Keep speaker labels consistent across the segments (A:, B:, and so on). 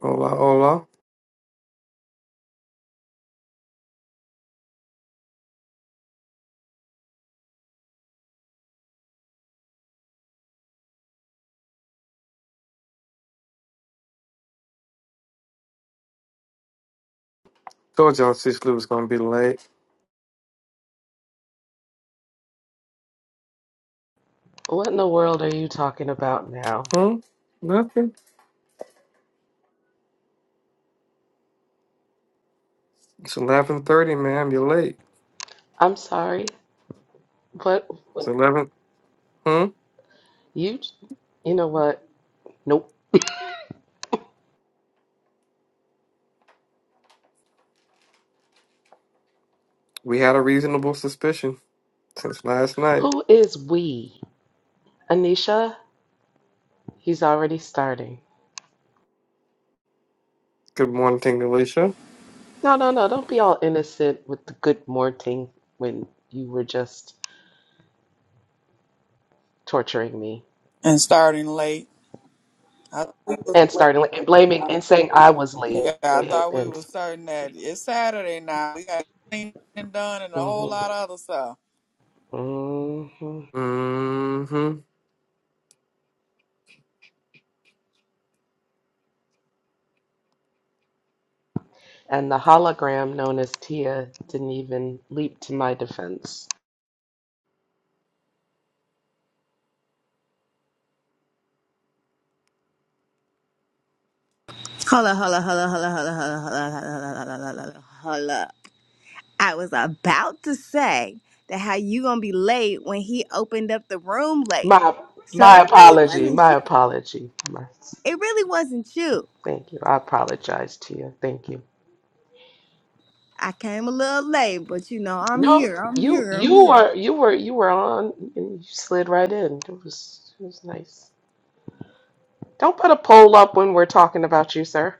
A: Hola, hola. Told y'all Cicely was gonna be late.
B: What in the world are you talking about now?
A: Hmm? Nothing. It's eleven thirty, ma'am. You're late.
B: I'm sorry, but
A: It's
B: what,
A: eleven. Hmm?
B: you, you know what? Nope.
A: We had a reasonable suspicion since last night.
B: Who is we? Anisha? He's already starting.
A: Good morning, Tingalisha.
B: No, no, no. Don't be all innocent with the good morning when you were just torturing me
C: and starting late. I thought we was,
B: and starting like, and blaming and saying I was late.
C: yeah, I Yes.
B: And,
C: thought we was
B: and
C: certain that it's Saturday now. We got cleaning done and a
B: hmm
C: whole lot of other stuff.
B: hmm
A: Mm-hmm.
B: and the hologram known as Tia didn't even leap to my defense.
D: Holla, holla, holla, holla, holla, holla, holla, holla, holla, holla, holla, holla. I was about to say that how you gonna be late when he opened up the room late.
B: My
D: So
B: my
D: it really
B: apology.
D: wasn't
B: My
D: you.
B: apology. My,
D: It really wasn't you.
B: thank you. I apologize to you. Thank you.
D: I came a little late, but you know, I'm
B: No,
D: here, I'm
B: you
D: here, I'm
B: you
D: here.
B: were you were you were on and you slid right in. It was it was nice. Don't put a poll up when we're talking about you, sir.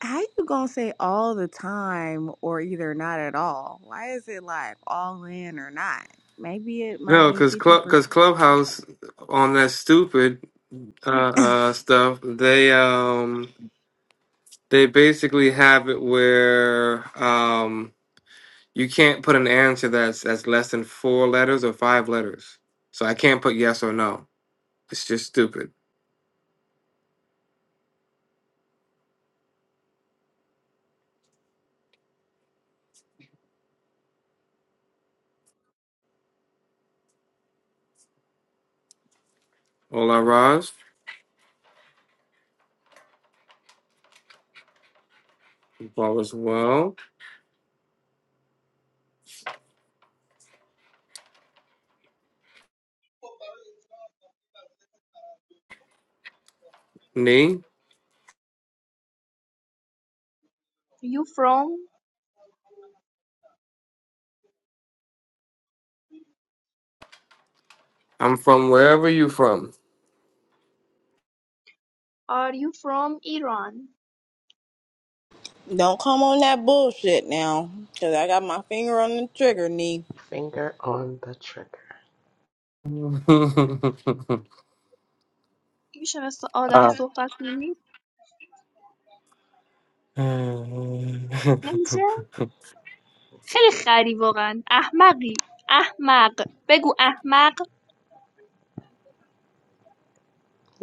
D: How you gonna say all the time or either not at all? Why is it like all in or not? Maybe it might
A: No,
D: be
A: cause
D: 50%.
A: club, cause Clubhouse on that stupid uh, uh stuff. They um they basically have it where um you can't put an answer that's that's less than four letters or five letters. So I can't put yes or no. It's just stupid. Hola, Raj. Hope all is well. Nee,
E: You from?
A: I'm from wherever you from.
E: Are you from Iran?
D: Don't come on that bullshit now, cause I got my finger on the trigger,
B: Finger on the trigger.
E: میشه مثل آدم
A: Uh,
E: صحبت کنی؟ نمیشه؟ خیلی خری واقعا احمقی احمق بگو احمق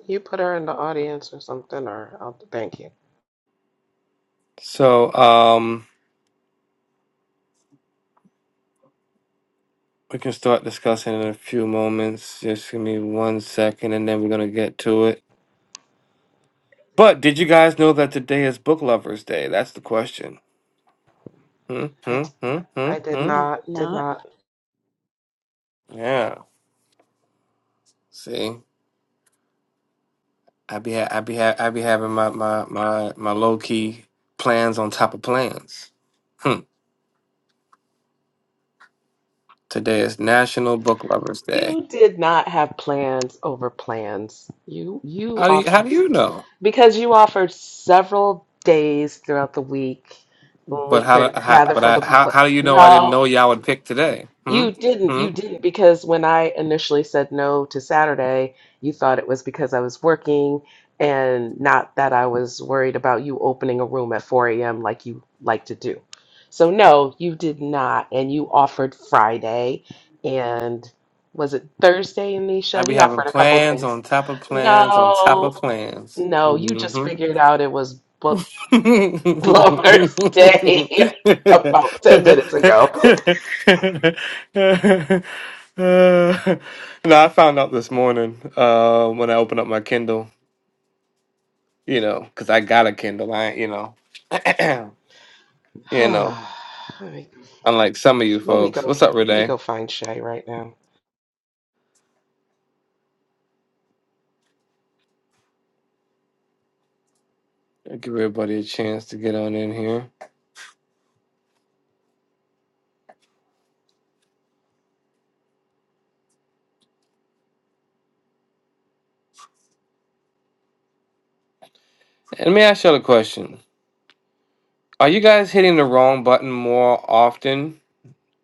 B: You put her in the audience or something or I'll thank you.
A: so, um, we can start discussing in a few moments. Just give me one second, and then we're gonna get to it. But did you guys know that today is Book Lovers Day? That's the question. Hmm,
B: I,
A: hmm, hmm, hmm,
B: I did
A: hmm.
D: I did
B: not did
D: not.
B: not
A: Yeah. See. I be ha- I be ha- I be having my my my my low key plans on top of plans. Hmm. Today is National Book Lovers Day.
B: You did not have plans over plans. You you
A: How do you how do
B: offered
A: you know?
B: because you offered several days throughout the week when
A: But
B: we
A: how, do-
B: could
A: how
B: gather
A: but
B: for
A: I
B: the book
A: how
B: club.
A: how do you know I didn't
B: No,
A: know y'all would pick today? Hmm.
B: you didn't,
A: Hmm.
B: you didn't, because when I initially said no to Saturday, you thought it was because I was working and not that I was worried about you opening a room at 4 a.m. like you like to do. So, no, you did not. And you offered Friday and was it Thursday,
A: I
B: Anisha?
A: be
B: He
A: having
B: offered a couple of
A: plans
B: days.
A: on top of plans on top of
B: No,
A: plans.
B: no, you just
A: Mm-hmm.
B: figured out it was Book
A: no, I
B: Lovers Day about 10 minutes ago.
A: found out this morning uh, when I opened up my Kindle, you know, because I got a Kindle. I, ain't, you know, you know,
B: Let me
A: unlike some of you
B: Let me go.
A: folks. What's up,
B: Let me
A: Renee?
B: go find Shay right now.
A: Give everybody a chance to get on in here. And Let me ask y'all a question: Are you guys hitting the wrong button more often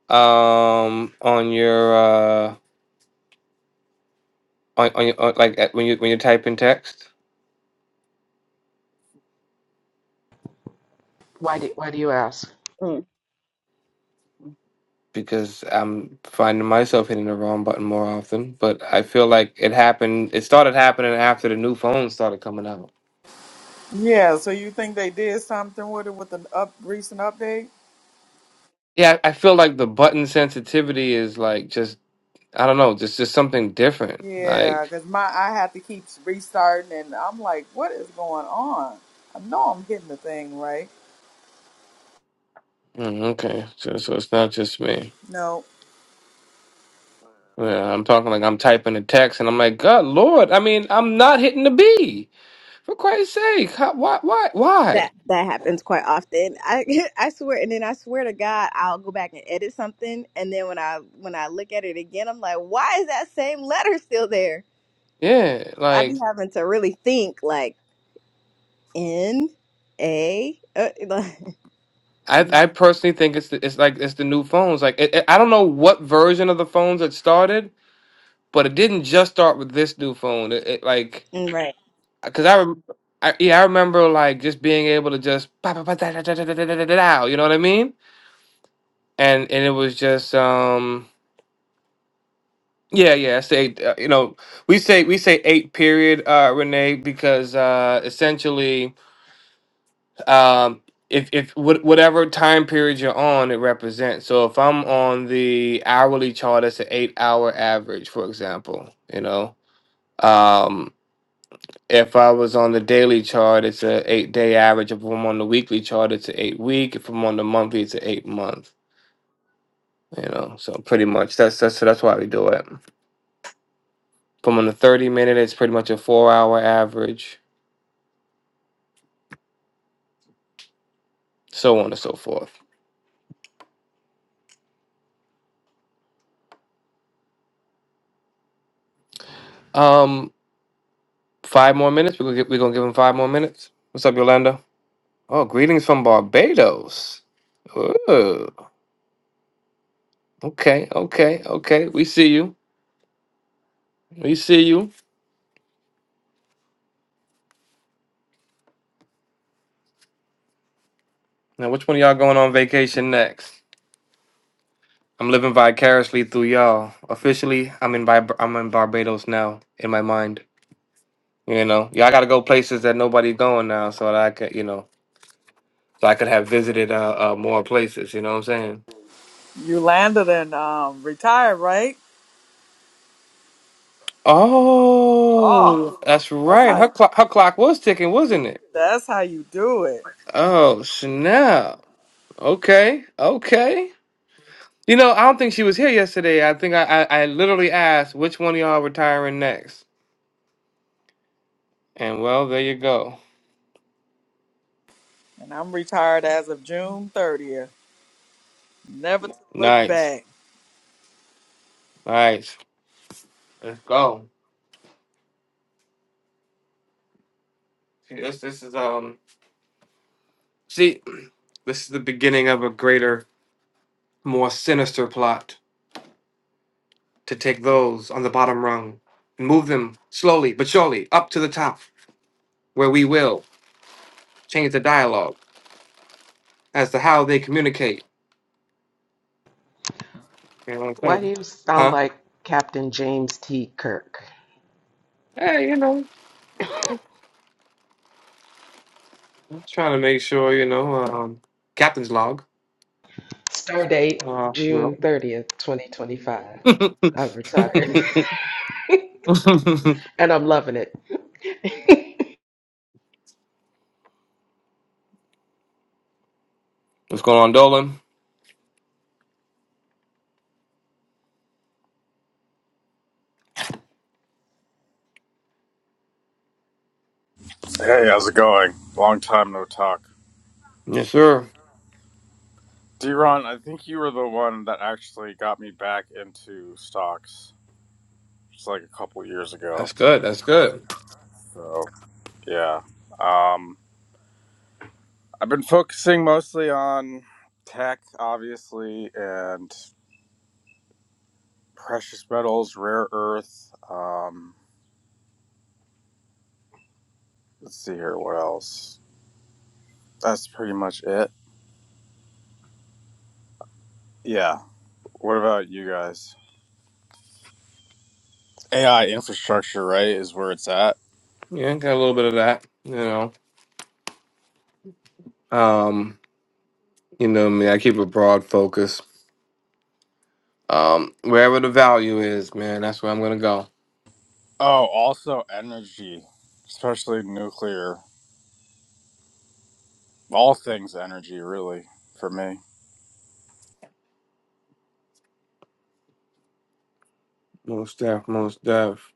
A: um, on your? uh, on, on, your, on like at, when you when you type in text
B: Why do Why do you ask?
D: Mm.
A: because I'm finding myself hitting the wrong button more often. But I feel like it happened. It started happening after the new phones started coming out.
C: Yeah, so you think they did something with it with the up recent update?
A: Yeah, I feel like the button sensitivity is like just I don't know, just just something different.
C: Yeah,
A: Like
C: because my I have to keep restarting, and I'm like, what is going on? I know I'm hitting the thing right.
A: mm, okay, so, so it's not just me.
C: No,
A: Yeah, I'm talking like I'm typing a text and I'm like, God Lord, I mean, I'm not hitting the B for Christ's sake. How, why, why, why?
D: That that happens quite often. I I swear, and then I swear to God, I'll go back and edit something, and then when I when I look at it again, I'm like, why is that same letter still there?
A: Yeah,
D: I
A: like
D: be having to really think, like N A, uh, like,
A: I,
D: mm,
A: I personally think it's the, it's like it's the new phones. Like it, it- I don't know what version of the phones it started, but it didn't just start with this new phone. It, it like
D: right?
A: because I, rem- I yeah I remember like just being able to just pa- pa- pa- da- da- da- da- da- da- da- da- da- da, you know what I mean? And and it was just um yeah yeah I say uh, you know we say we say eight period uh Renee because uh essentially um if if wh- whatever time period you're on it represents so if i'm on the hourly chart it's an eight hour average for example you know um if i was on the daily chart it's a eight day average if i'm on the weekly chart it's an eight week if i'm on the monthly it's an eight month you know so pretty much that's that's that's why we do it if i'm on the 30 minute it's pretty much a four hour average so on and so forth um five more minutes we're gonna, gi- we're gonna give him five more minutes what's up yolanda Oh, greetings from Barbados. Ooh, okay, okay, okay. We see you. We see you. Now, which one of y'all going on vacation next? I'm living vicariously through y'all. Officially, I'm in Vib- I'm in Barbados now in my mind. You know, y'all got to go places that nobody going now, so that I could, you know, so I could have visited uh, uh more places. You know what I'm saying?
C: you landed and um, retired, right?
A: Oh,
C: Oh,
A: that's
C: that's
A: right. Her
C: how
A: clock, her clock was ticking, wasn't it?
C: that's how you do it.
A: Oh snap! Okay, okay. You know, I don't think she was here yesterday. I think I, I, I literally asked which one of y'all retiring next. And well, there you go.
C: And I'm retired as of June 30th. Never to look
A: Nice.
C: back.
A: Nice. Let's go. See, This this is um see this is the beginning of a greater, more sinister plot to take those on the bottom rung and move them slowly but surely up to the top where we will change the dialogue as to how they communicate. You know what I'm
B: Why do
A: saying?
B: you sound
A: Huh?
B: like Captain James T. Kirk?
A: Hey, you know, I'm trying to make sure, you know, um, captain's log.
B: Stardate
A: Uh,
B: June
A: well,
B: thirtieth, twenty twenty five.
A: What's
B: I've retired, and I'm loving it.
A: going on, Dolan?
F: Hey, how's it going? Long time no talk.
A: Yes, sir.
F: Deron, I think you were the one that actually got me back into stocks. It's like a couple years ago.
A: That's good. That's good.
F: So, yeah. Um, I've been focusing mostly on tech, obviously, and precious metals, rare earth. Um, let's see here, what else? That's pretty much it. Yeah. What about you guys? AI infrastructure, right, is where it's at.
A: Yeah, got a little bit of that. You know, um, you know me. I keep a broad focus. Um, wherever the value is, man, that's where I'm gonna go.
F: Oh, also energy, especially nuclear. All things energy, really, for me.
A: Most def, most def.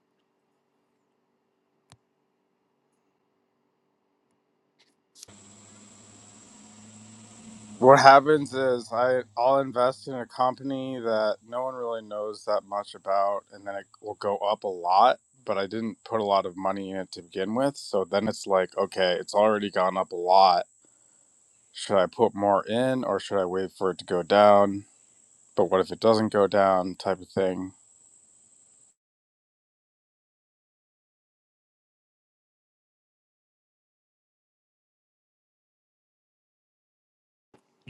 F: What happens is I, I'll invest in a company that no one really knows that much about, and then it will go up a lot, but I didn't put a lot of money in it to begin with. So then it's like, okay, it's already gone up a lot. Should I put more in or should I wait for it to go down? But what if it doesn't go down, type of thing?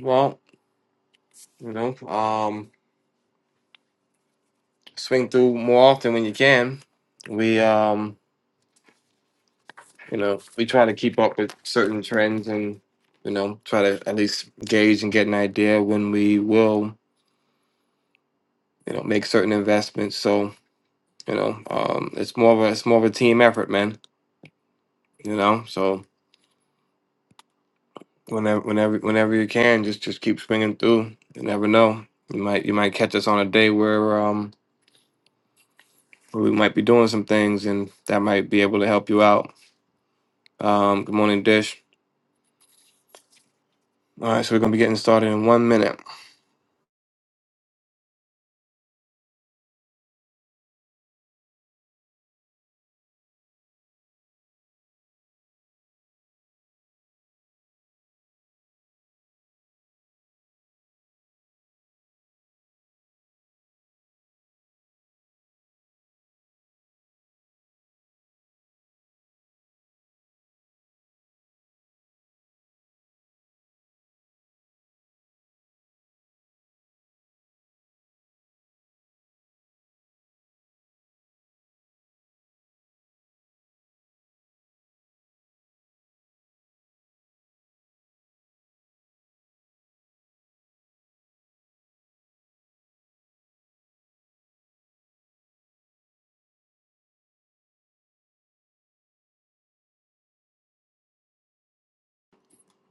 A: Well, you know, um, swing through more often when you can. We, um, you know, we try to keep up with certain trends and, you know, try to at least gauge and get an idea when we will you know, make certain investments. So, you know, um, it's more of a it's more of a team effort, man. You know, so whenever whenever whenever you can, just just keep swinging through. You never know, you might you might catch us on a day where um where we might be doing some things, and that might be able to help you out. Um, good morning, Dish. All right, so we're gonna be getting started in one minute.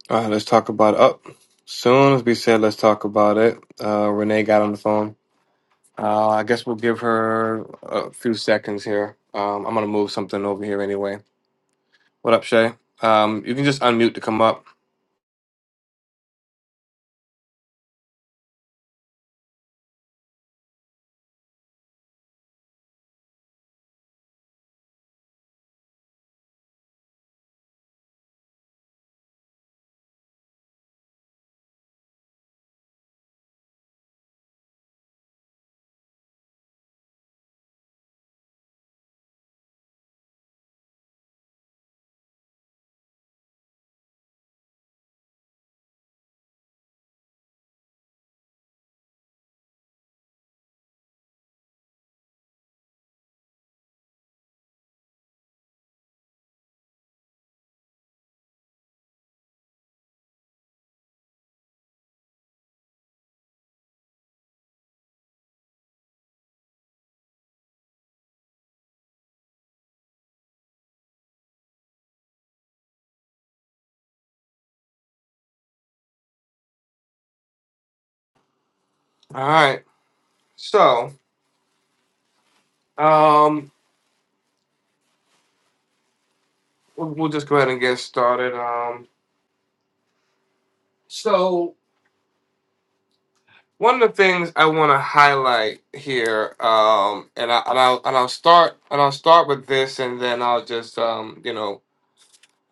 A: All right, let's talk about up. Soon as we said, let's talk about it. Uh, Renee got on the phone. Uh, I guess we'll give her a few seconds here. Um, I'm gonna move something over here anyway. What up, Shay? Um, you can just unmute to come up. All right. So, um, we'll, we'll just go ahead and get started. Um, so one of the things I want to highlight here, um, and I and I'll and I'll start and I'll start with this, and then I'll just um, you know,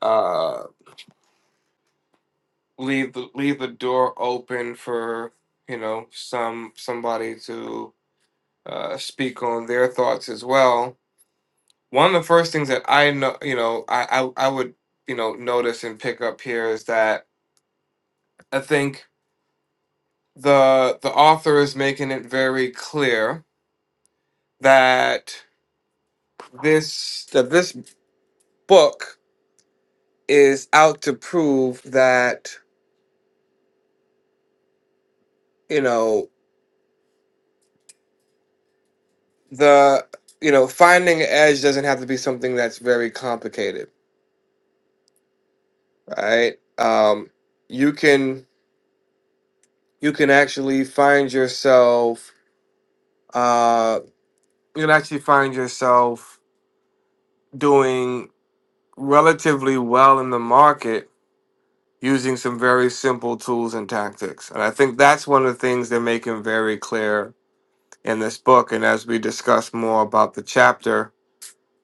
A: uh, leave the leave the door open for you know some somebody to uh, speak on their thoughts as well. One of the first things that I know, you know, I, I I would you know notice and pick up here is that I think the the author is making it very clear that this that this book is out to prove that you know the you know finding an edge doesn't have to be something that's very complicated, right? Um, you can you can actually find yourself uh you'll actually find yourself doing relatively well in the market using some very simple tools and tactics. And I think that's one of the things they're making very clear in this book. And as we discuss more about the chapter,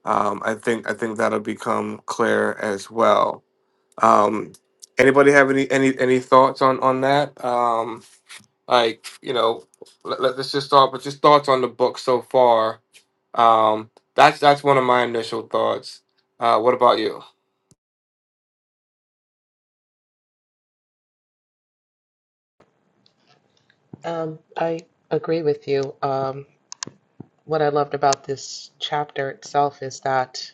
A: um, I think I think that'll become clear as well. Um, anybody have any any any thoughts on on that? Um, like you know, let, let- let's just start with just thoughts on the book so far Um, that's that's one of my initial thoughts. Uh, what about you?
B: Um, I agree with you. Um, what I loved about this chapter itself is that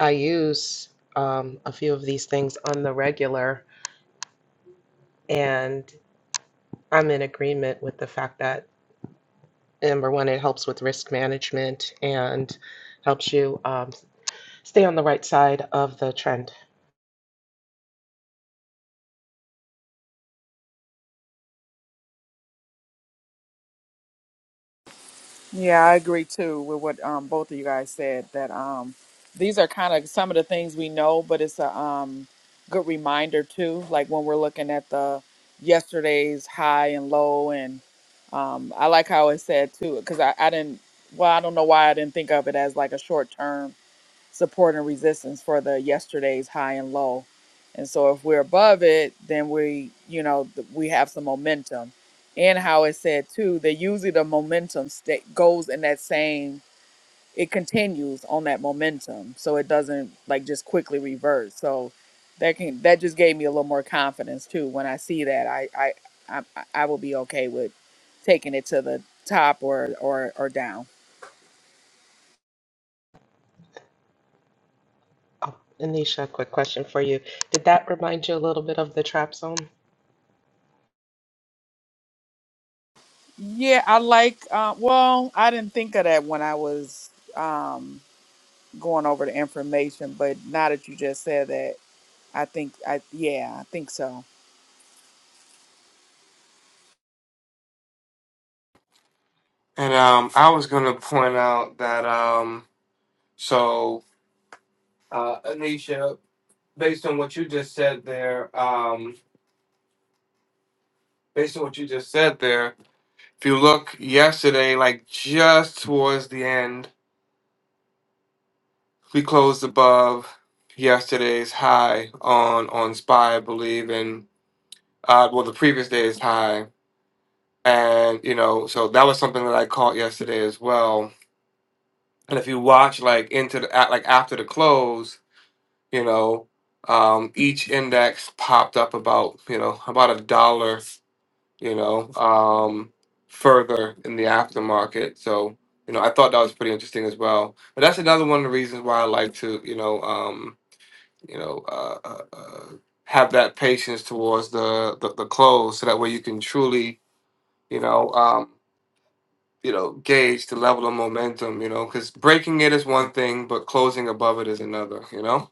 B: I use um, a few of these things on the regular, and I'm in agreement with the fact that. Number one, it helps with risk management and helps you um, stay on the right side of the trend.
C: Yeah, I agree too with what um, both of you guys said that um, these are kind of some of the things we know, but it's a um, good reminder too. Like when we're looking at the yesterday's high and low, and um, I like how it said too, because I, I didn't, well, I don't know why I didn't think of it as like a short term support and resistance for the yesterday's high and low. And so if we're above it, then we, you know, th- we have some momentum. And how it said too, that usually the momentum sta goes in that same, it continues on that momentum. So it doesn't like just quickly revert. So that can, that just gave me a little more confidence too. When I see that, I, I, I, I will be okay with taking it to the top or, or, or down.
B: Oh, Anisha, quick question for you. Did that remind you a little bit of the trap zone?
C: Yeah, I like. Uh, well, I didn't think of that when I was um, going over the information, but now that you just said that, I think I yeah, I think so.
A: And um, I was going to point out that um, so uh, Anisha, based on what you just said there, um, based on what you just said there, if you look yesterday, like just towards the end, we closed above yesterday's high on on SPY, I believe, and uh, well, the previous day's high, and you know, so that was something that I caught yesterday as well And if you watch like into the at like after the close, you know, um, each index popped up about you know about a dollar, you know, um, further in the aftermarket. So you know, I thought that was pretty interesting as well. But that's another one of the reasons why I like to you know um, you know uh, uh, uh, have that patience towards the, the the close, so that way you can truly you know. um, you know, gauge the level of momentum, you know, because breaking it is one thing, but closing above it is another, you know?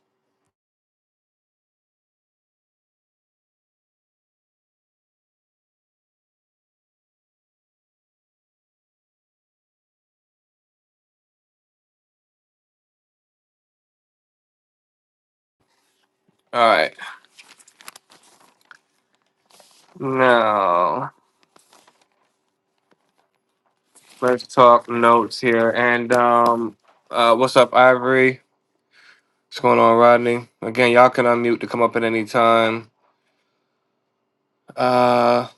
A: All right. Now, let's talk notes here. And um, uh, what's up, Ivory? What's going on, Rodney? Again, y'all can unmute to come up at any time. Uh,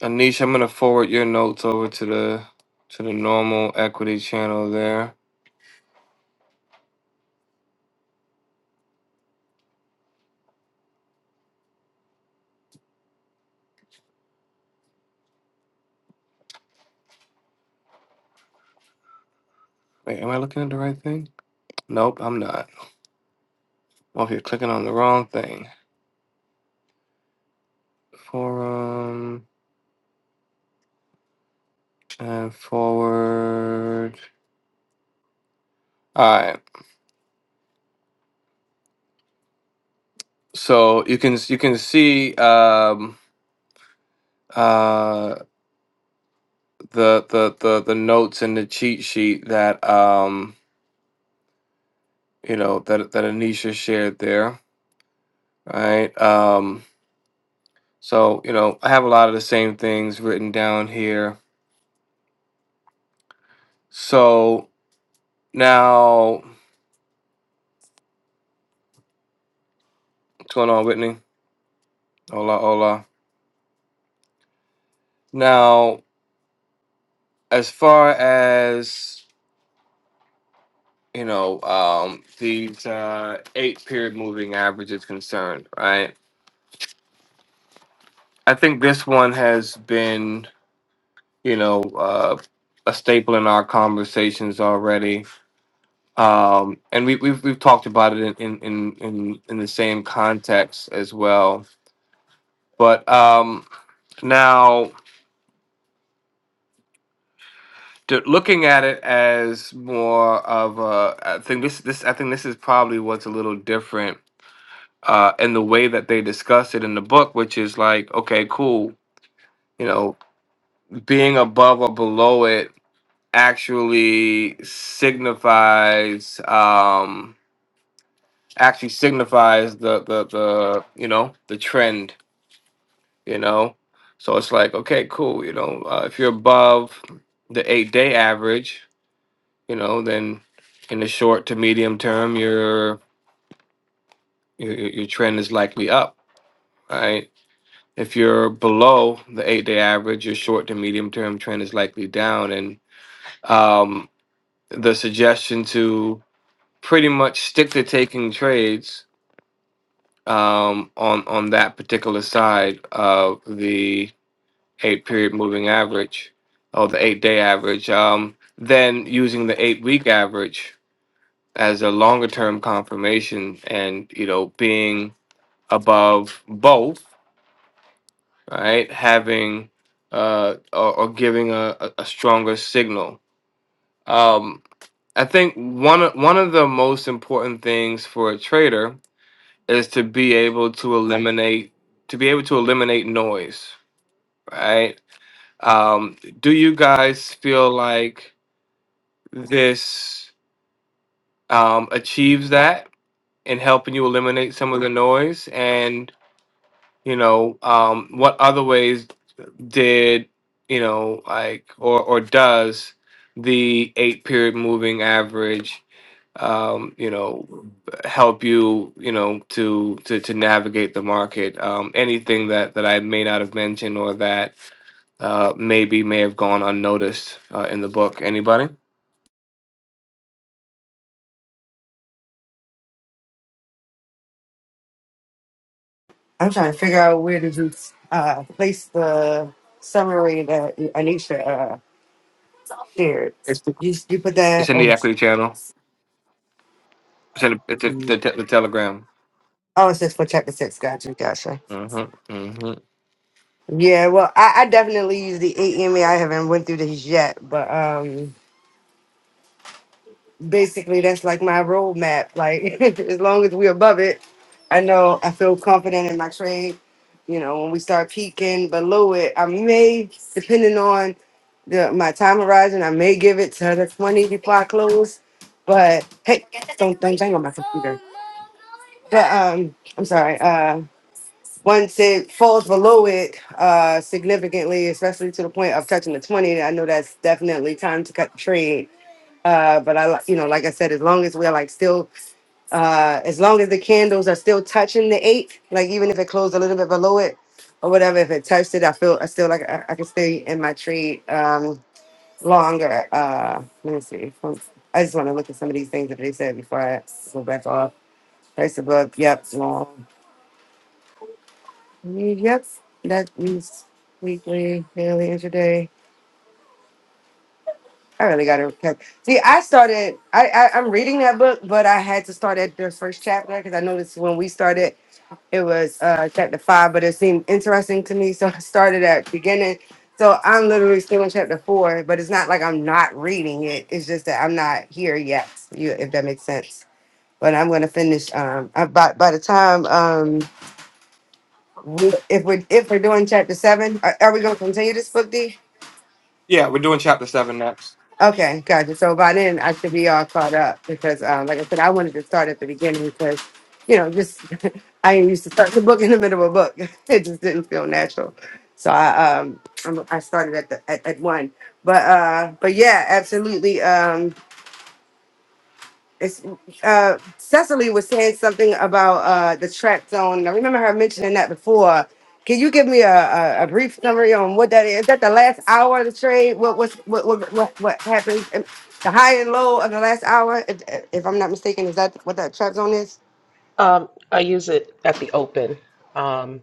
A: Anish, I'm gonna forward your notes over to the to the normal equity channel there. Wait, am I looking at the right thing? Nope, I'm not. Well, if you're clicking on the wrong thing. Forum. And forward. All right. So you can you can see um, uh, the, the the the notes in the cheat sheet that um, you know that that Anisha shared there. Right. Um, so you know I have a lot of the same things written down here. So now what's going on, Whitney? Hola, hola. Now as far as you know, um, these uh, eight period moving average is concerned, right? I think this one has been, you know, uh, a staple in our conversations already, um, and we, we've we've talked about it in in in in, in the same context as well. But um, now. d- Looking at it as more of a, I think this this I think this is probably what's a little different uh, and the way that they discuss it in the book, which is like, okay, cool, you know, being above or below it actually signifies um, actually signifies the, the the you know the trend, you know. So it's like, okay, cool, you know, uh, if you're above the eight day average, you know, then in the short to medium term, your your, your your trend is likely up, right? If you're below the eight day average, your short to medium term trend is likely down. And um, the suggestion to pretty much stick to taking trades um, on, on that particular side of the eight period moving average or the eight day average, um, then using the eight week average as a longer term confirmation and, you know, being above both Right, having uh or, or giving a, a a stronger signal um i think one of- one of the most important things for a trader is to be able to eliminate to be able to eliminate noise right um do you guys feel like this um achieves that in helping you eliminate some of the noise you know um what other ways did you know like or or does the eight period moving average um you know help you you know to to to navigate the market um anything that that i may not have mentioned or that uh maybe may have gone unnoticed uh, in the book anybody
G: I'm trying to figure out where did you uh, place the summary that Anisha uh, shared.
A: it's
G: You you put that.
A: it's in the
G: Oh,
A: equity channel it's in the, it's in the,
G: mm.
A: te- the telegram
G: oh, it says for chapter six. Gotcha, gotcha.
A: hmm hmm
G: Yeah, well, I, I definitely use the eight EMA. haven't went through this yet, but um. basically that's like my roadmap. Like as long as we're above it, I know I feel confident in my trade. You know, when we start peaking below it, I may, depending on the my time horizon, I may give it to the 20 before I close. But hey, don't don't bang on my computer. But um, I'm sorry. Uh, once it falls below it uh significantly, especially to the point of touching the 20, I know that's definitely time to cut the trade uh, but I, li- you know, like I said, as long as we're like still, uh, as long as the candles are still touching the eight, like even if it closed a little bit below it or whatever, if it touched it, I feel I still like I, I can stay in my trade um, longer. Uh, let me see. Um, I just want to look at some of these things that they said before I go back off. Price above, yep, long. Yep, that means weekly, daily, intraday. I really got to okay. See, I started. I, I I'm reading that book, but I had to start at the first chapter because I noticed when we started, it was uh chapter five, but it seemed interesting to me, so I started at beginning. So I'm literally still in chapter four, but it's not like I'm not reading it. It's just that I'm not here yet. You, if that makes sense. But I'm gonna finish. Um, I- by by the time um, we, if we are if we're doing chapter seven, are, are we gonna continue this book, D?
A: yeah we're doing chapter seven next
G: Okay, gotcha. So by then I should be all caught up because, um, like I said, I wanted to start at the beginning because, you know, just I ain't used to start the book in the middle of a book. It just didn't feel natural. So I um I'm, I started at the at, at one, but uh but yeah, absolutely. Um, it's uh Cecily was saying something about uh the track zone. I remember her mentioning that before. Can you give me a, a, a brief summary on what that is? Is that the last hour of the trade? What what's, what what what what happened? And The high and low of the last hour, if, if I'm not mistaken, is that what that trap zone is?
B: Um, I use it at the open. Um,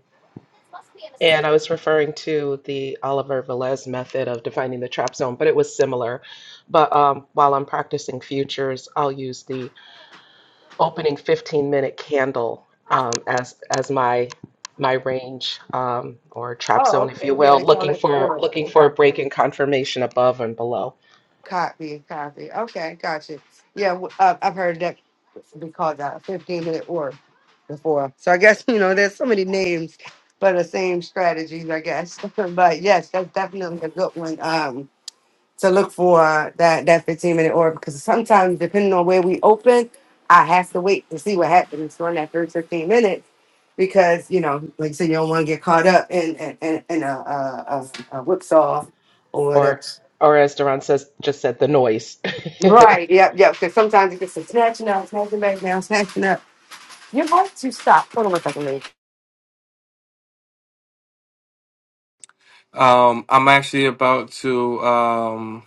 B: and I was referring to the Oliver Velez method of defining the trap zone, but it was similar. But um, while I'm practicing futures, I'll use the opening 15 minute candle um, as as my my range um, or trap zone,
G: Oh,
B: if you
G: okay. Yeah,
B: will,
G: they call
B: looking
G: that the
B: for
G: order.
B: looking for a
G: Okay.
B: break in confirmation above and below.
G: Copy, copy. Okay, gotcha. Yeah, w- uh, I've heard that be called that a 15 minute or before. So I guess, you know, there's so many names for the same strategies, I guess. but yes, that's definitely a good one um, to look for that, that 15 minute or because sometimes, depending on where we open, I have to wait to see what happens during that first 15 minutes because, you know, like I said, you don't want to get caught up in, in, in, in a, a, a, a whipsaw or whatever.
B: or or as Duran says just said the noise.
G: Right. Yep. Yep. Because sometimes it gets to snatching up, snatching back down, snatching up. You're going to stop. Hold on one second, lady.
A: Um, I'm actually about to um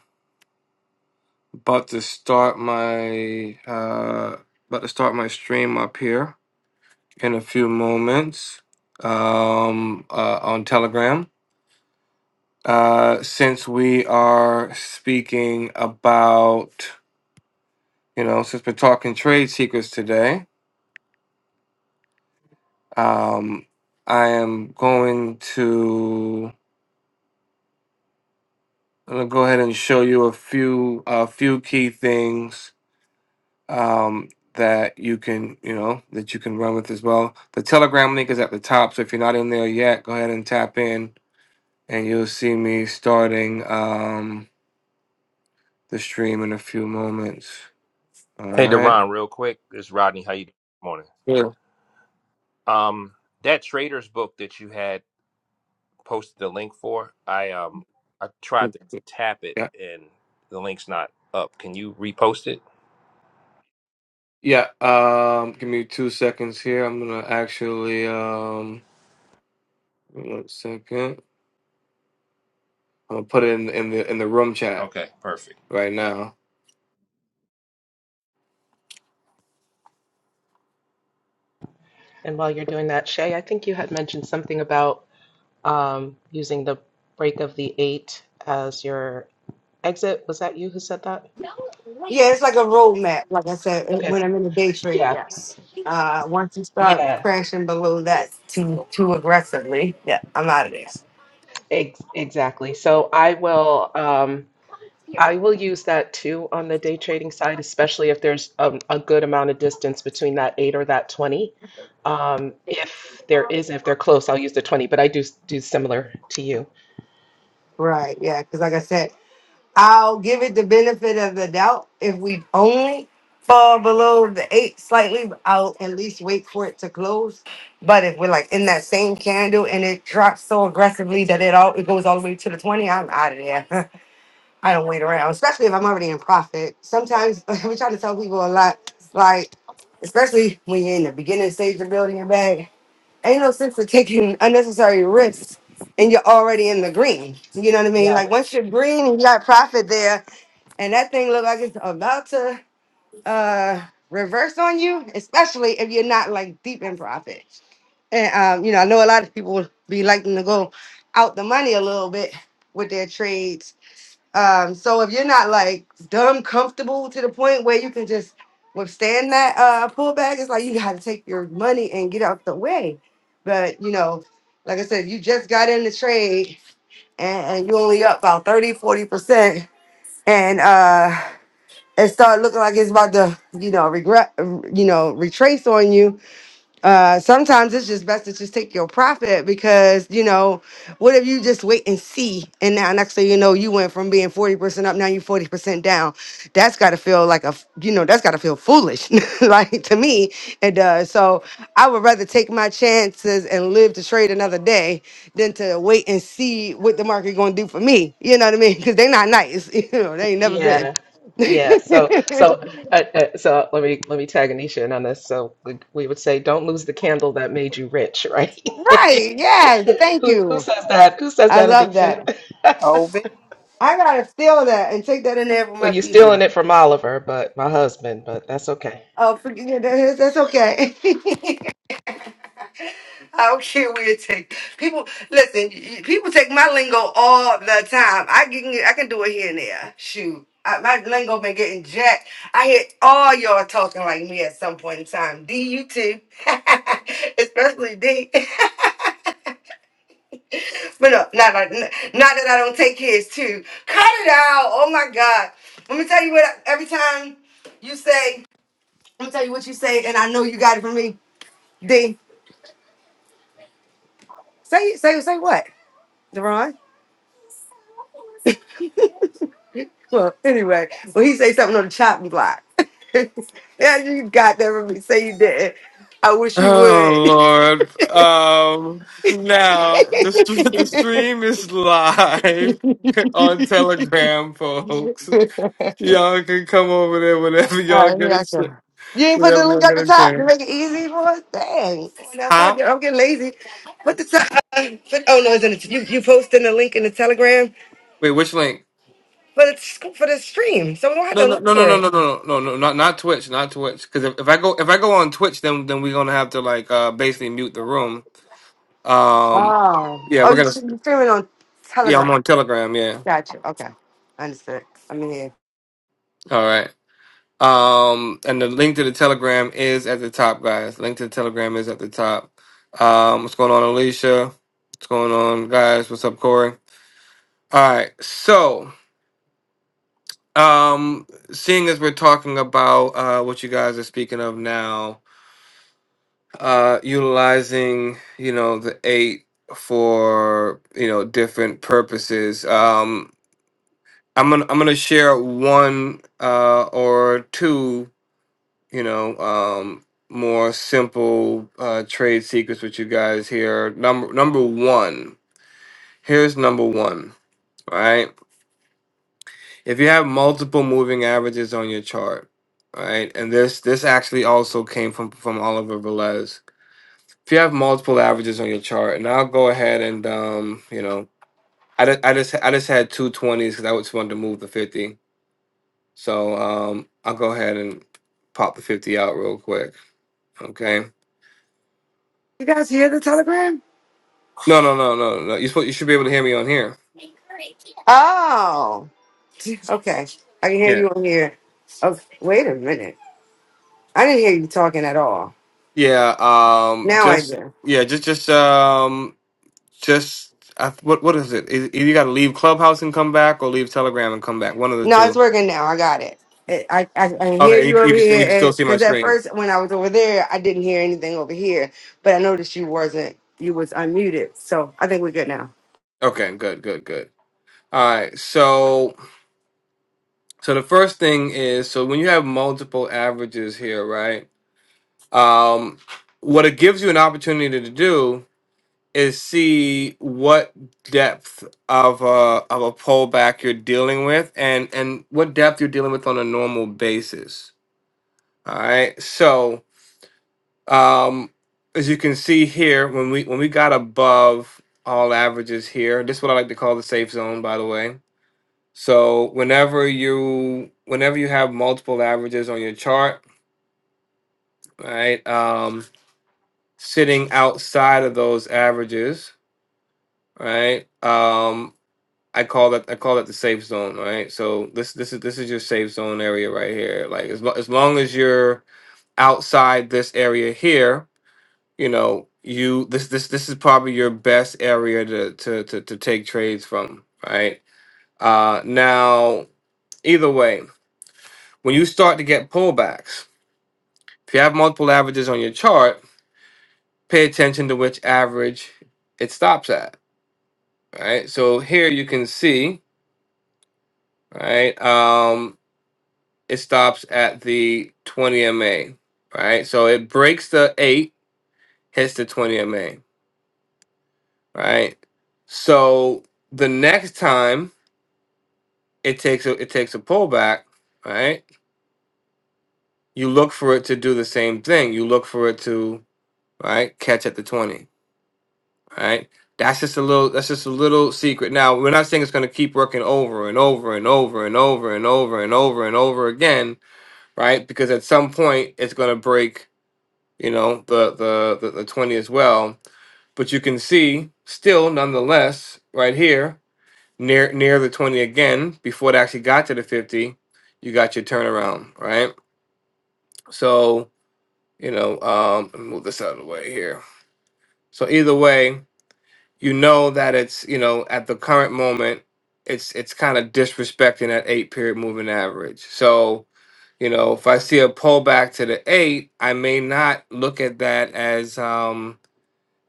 A: about to start my uh about to start my stream up here in a few moments um uh, on Telegram. Uh, since we are speaking about you know since we're talking trade secrets today, um, I am going to I'm gonna go ahead and show you a few a few key things um, that you can, you know, that you can run with as well. The Telegram link is at the top, so if you're not in there yet, go ahead and tap in, and you'll see me starting um, the stream in a few moments. All
H: Hey,
A: right.
H: Deron, real quick. This is Rodney. How you doing this morning?
A: Sure.
H: Um, that traders book that you had posted the link for, I um, I tried to tap it
A: Yeah.
H: and the link's not up. Can you repost it?
A: Yeah. Um, give me two seconds here. I'm gonna actually um, one second. I'm gonna put it in in the in the room chat
H: Okay, perfect.
A: right now.
B: and while you're doing that, Shay, I think you had mentioned something about um, using the break of the eight as your exit. Was that you who said that?
G: Yeah, it's like a roadmap. Like I said,
B: Okay.
G: when I'm in the day trade,
B: Yeah.
G: yes. Uh, once you start
B: Yeah.
G: crashing below that too too aggressively, yeah, I'm out of there.
B: Ex- exactly. So I will. Um, I will use that too on the day trading side, especially if there's um, a good amount of distance between that eight or that 20. Um, if there is, if they're close, I'll use the 20, but I do do similar to you.
G: Right. Yeah. Because like I said. I'll give it the benefit of the doubt if we only fall below the eight slightly. I'll at least wait for it to close. But if we're like in that same candle and it drops so aggressively that it all it goes all the way to the twenty, I'm out of there. I don't wait around, especially if I'm already in profit. Sometimes we try to tell people a lot, like especially when you're in the beginning stage of building your bag. Ain't no sense of taking unnecessary risks and you're already in the green. You know what I mean?
B: Yeah,
G: Like once you're green and you got profit there, and that thing look like it's about to uh reverse on you, especially if you're not like deep in profit. And um, you know, I know a lot of people be liking to go out the money a little bit with their trades. Um, so if you're not like dumb comfortable to the point where you can just withstand that uh pullback, it's like you gotta take your money and get out the way. But you know, like I said, you just got in the trade and, and you only up about 30, 40 percent and uh and start looking like it's about to, you know, regret, you know, retrace on you, uh sometimes it's just best to just take your profit because you know what if you just wait and see and now next thing you know you went from being 40% up now you're 40% down that's got to feel like a f- you know that's got to feel foolish like to me it does so i would rather take my chances and live to trade another day than to wait and see what the market going to do for me you know what i mean because they're not nice you know they ain't never been
B: Yeah, yeah. So, so, uh, uh, so let me let me tag Anisha in on this. So we, we would say, don't lose the candle that made you rich, right?
G: right yes thank
B: Who who
G: you
B: says that? Who says
G: i
B: that,
G: love that
B: Anisha?
C: Ov.
G: I gotta steal that and take that in there for my
B: Well, you're
G: people.
B: stealing it from Oliver, but my husband. But that's okay.
G: Oh, forget it. That's that's okay. I don't care where it take people. Listen, y- people take my lingo all the time. I can I can do it here and there. Shoot, I, my lingo been getting jacked. I hear all y'all talking like me at some point in time. D, you too, especially D. But no, not like not that I don't take kids too. Cut it out. Oh my God. Let me tell you what every time you say, let me tell you what you say, and I know you got it from me. D. Say say say what? Deron? Well, anyway, when he say something on the chopping block. yeah, you got that from me. Say you did. I wish you
A: Oh Lord. Um now the st- the stream is live on Telegram, folks.
G: would.
A: Y'all can come over there whenever y'all
G: Uh,
A: get
G: yeah,
A: a
G: okay.
A: ch-
G: You You ain't put the
A: whenever
G: link
A: y'all
G: up
A: get
G: the
A: a
G: top to
A: chance.
G: make it easy for us? Dang. When I
A: Huh?
G: getting, I'm getting lazy. Put the top. Put, oh, no, it's in the, you, you posting the link in the Telegram
A: Wait, which link?
G: for the, sc- for the stream. So we don't have
A: No,
G: to
A: no,
G: look
A: no, no,
G: for
A: no, no,
G: it.
A: no, no, no, no, not not Twitch, not Twitch. Because if, if I go if I go on Twitch, then then we're gonna have to like uh basically mute the room. Um,
G: Oh.
A: yeah,
G: Oh,
A: we're
G: you
A: gonna.
G: should be streaming on
A: Yeah, I'm
G: Telegram.
A: on Telegram. Yeah.
G: Gotcha. Okay. Understood. I'm in here.
A: All right. Um, and the link to the Telegram is at the top, guys. Link to the Telegram is at the top. Um, what's going on, Alicia? What's going on, guys? What's up, Corey? All right, so um, seeing as we're talking about uh, what you guys are speaking of now, uh, utilizing you know the eight for you know different purposes. Um, I'm gonna I'm gonna share one uh, or two you know, um, more simple uh, trade secrets with you guys here. Number number one. Here's number one. Right. If you have multiple moving averages on your chart, right, and this this actually also came from from Oliver Velez. If you have multiple averages on your chart, and I'll go ahead and um, you know, I just I just I just had two twenties because I just wanted to move the fifty. So um, I'll go ahead and pop the fifty out real quick. Okay
G: You guys hear the Telegram?
A: No, no, no, no, no. You supposed you should be able to hear me on here.
G: Oh. Okay. I can hear
A: Yeah.
G: you on here. Oh, wait a minute. I didn't hear you talking at all.
A: Yeah. Um.
G: Now I
A: Just
G: do.
A: yeah. Just just um. Just I, what what is it? Either you got to leave Clubhouse and come back, or leave Telegram and come back. One of the
G: No, it's
A: two.
G: working now. I got it. I I, I I hear
A: Okay. You,
G: you over
A: you can you can still
G: here
A: see my
G: because at
A: screen.
G: first when I was over there, I didn't hear anything over here, but I noticed you wasn't. You was unmuted, so I think we're good now.
A: Okay. Good. Good. Good. All right. So so the first thing is so when you have multiple averages here, right? Um, what it gives you an opportunity to do is see what depth of a of a pullback you're dealing with and and what depth you're dealing with on a normal basis all right so um as you can see here when we when we got above all averages here this is what i like to call the safe zone by the way so whenever you whenever you have multiple averages on your chart right um sitting outside of those averages right? um, I call that I call it the safe zone, right? So this this is this is your safe zone area right here. Like as lo- as long as you're outside this area here, you know you this this this is probably your best area to to to, to take trades from, right? Uh, now either way, when you start to get pullbacks, if you have multiple averages on your chart, pay attention to which average it stops at, right? So here you can see, right? Um. it stops at the 20 MA, right? So it breaks the 8, hits the 20 MA, right? So the next time it takes a it takes a pullback, right? You look for it to do the same thing. You look for it to, right, catch at the 20, right? That's just a little that's just a little secret. Now, we're not saying it's going to keep working over and over and over and over and over and over and over again, right? Because at some point it's going to break you know the the the, the 20 as well but you can see still nonetheless right here near near the 20 again before it actually got to the 50 you got your turnaround right so you know um let me move this out of the way here so either way you know that it's you know at the current moment it's it's kind of disrespecting that eight period moving average so you know if i see a pullback to the eight i may not look at that as um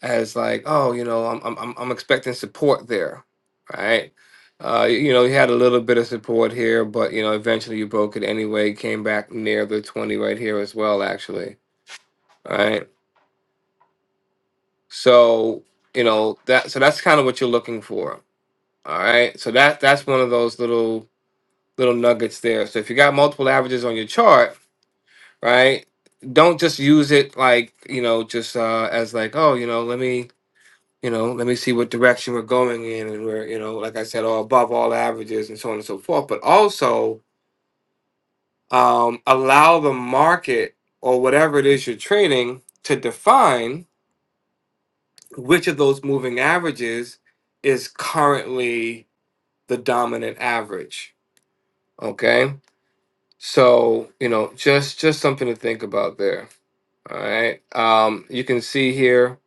A: as like, oh, you know, I'm I'm I'm I'm expecting support there, right? Uh, you know, you had a little bit of support here, but you know, eventually you broke it anyway. Came back near the twenty right here as well, actually. All right, so you know that so that's kind of what you're looking for. All right, so that that's one of those little little nuggets there. So if you got multiple averages on your chart, right? Don't just use it like you know just uh, as like oh you know let me You know, let me see what direction we're going in, and we're you know, like I said, all above all averages and so on and so forth. But also um, allow the market or whatever it is you're trading to define which of those moving averages is currently the dominant average. Okay, so you know, just just something to think about there. All right. Um, you can see here,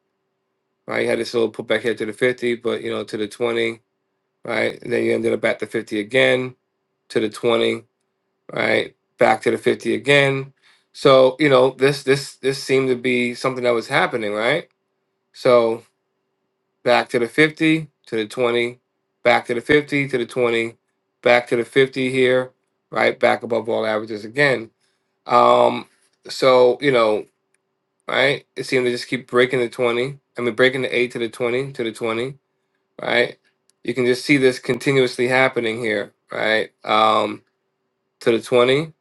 A: right? You had this little putback here to the 50, but you know, to the 20. right? And then you ended up at the 50 again to the 20, right? Back to the 50 again. So, you know, this this this seemed to be something that was happening, right? So, back to the 50, to the 20, back to the 50, to the 20, back to the 50 here, right? Back above all averages again. Um so, you know, right? It seemed to just keep breaking the 20. I mean, breaking the 8 to the 20, to the 20 right? You can just see this continuously happening here, right? Um, to the 20,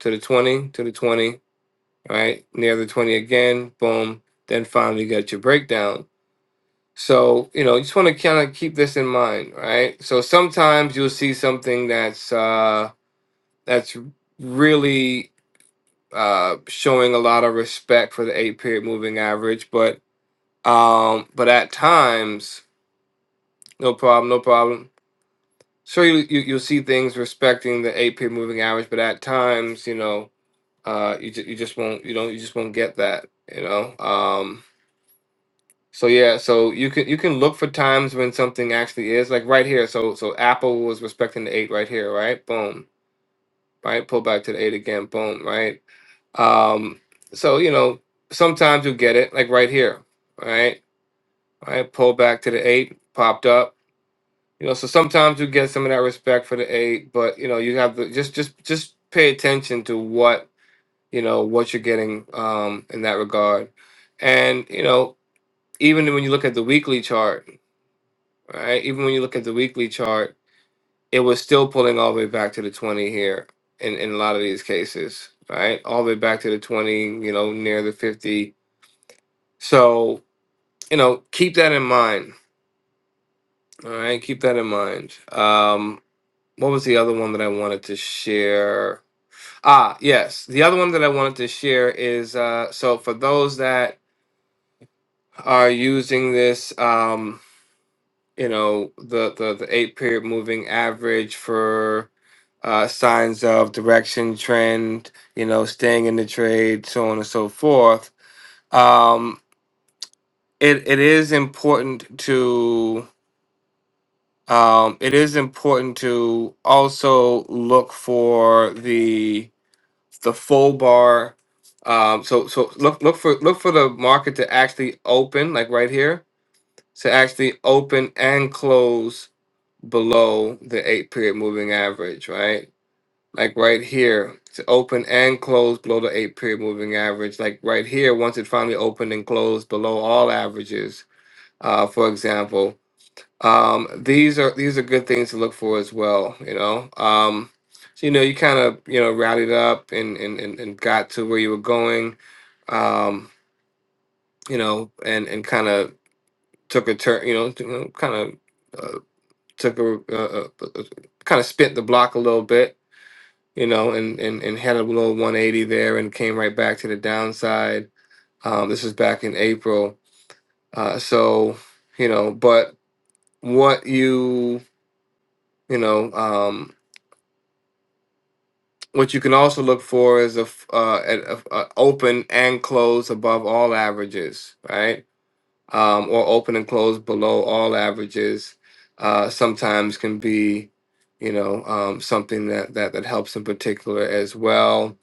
A: to the 20, to the 20, right? Near the 20 again, boom. Then finally you get your breakdown. So, you know, you just want to kind of keep this in mind, right? So sometimes you'll see something that's uh that's really uh showing a lot of respect for the eight period moving average, but um but at times, no problem, no problem Sure, you, you you'll see things respecting the eight period moving average, but at times, you know, uh, you ju- you just won't you don't you just won't get that, you know. Um, so yeah, so you can you can look for times when something actually is like right here. So so Apple was respecting the eight right here, right? Boom, right? Pull back to the eight again, boom, right? Um, so you know, sometimes you'll get it like right here, right? Right? Pull back to the eight, popped up You know, so sometimes you get some of that respect for the aid, but you know, you have to just just just pay attention to what you know what you're getting um, in that regard, and you know, even when you look at the weekly chart, right? Even when you look at the weekly chart, it was still pulling all the way back to the twenty here in in a lot of these cases, right? All the way back to the twenty, you know, near the fifty. So you know, keep that in mind. All right, keep that in mind. Um, what was the other one that I wanted to share? Ah, yes. The other one that I wanted to share is uh, so for those that are using this, um, you know, the, the, the eight period moving average for uh, signs of direction, trend, you know, staying in the trade, so on and so forth. Um, it, it is important to um, it is important to also look for the the full bar. Um, so so look look for look for the market to actually open, like right here, to actually open and close below the eight period moving average, right? Like right here to open and close below the eight period moving average. Like right here, once it finally opened and closed below all averages, uh, for example, um, these are these are good things to look for as well, you know. Um, so you know, you kind of you know rallied up and, and and and got to where you were going, um, you know, and and kind of took a turn, you know, kind of uh, took a uh, uh, kind of spent the block a little bit, you know, and and and had a little 180 there and came right back to the downside. Um, this was back in April, uh, so you know, but what you you know. Um, What you can also look for is a, f- uh, an a- a open and close above all averages, right? Um, or open and close below all averages. Uh, sometimes can be, you know, um, something that, that that helps in particular as well.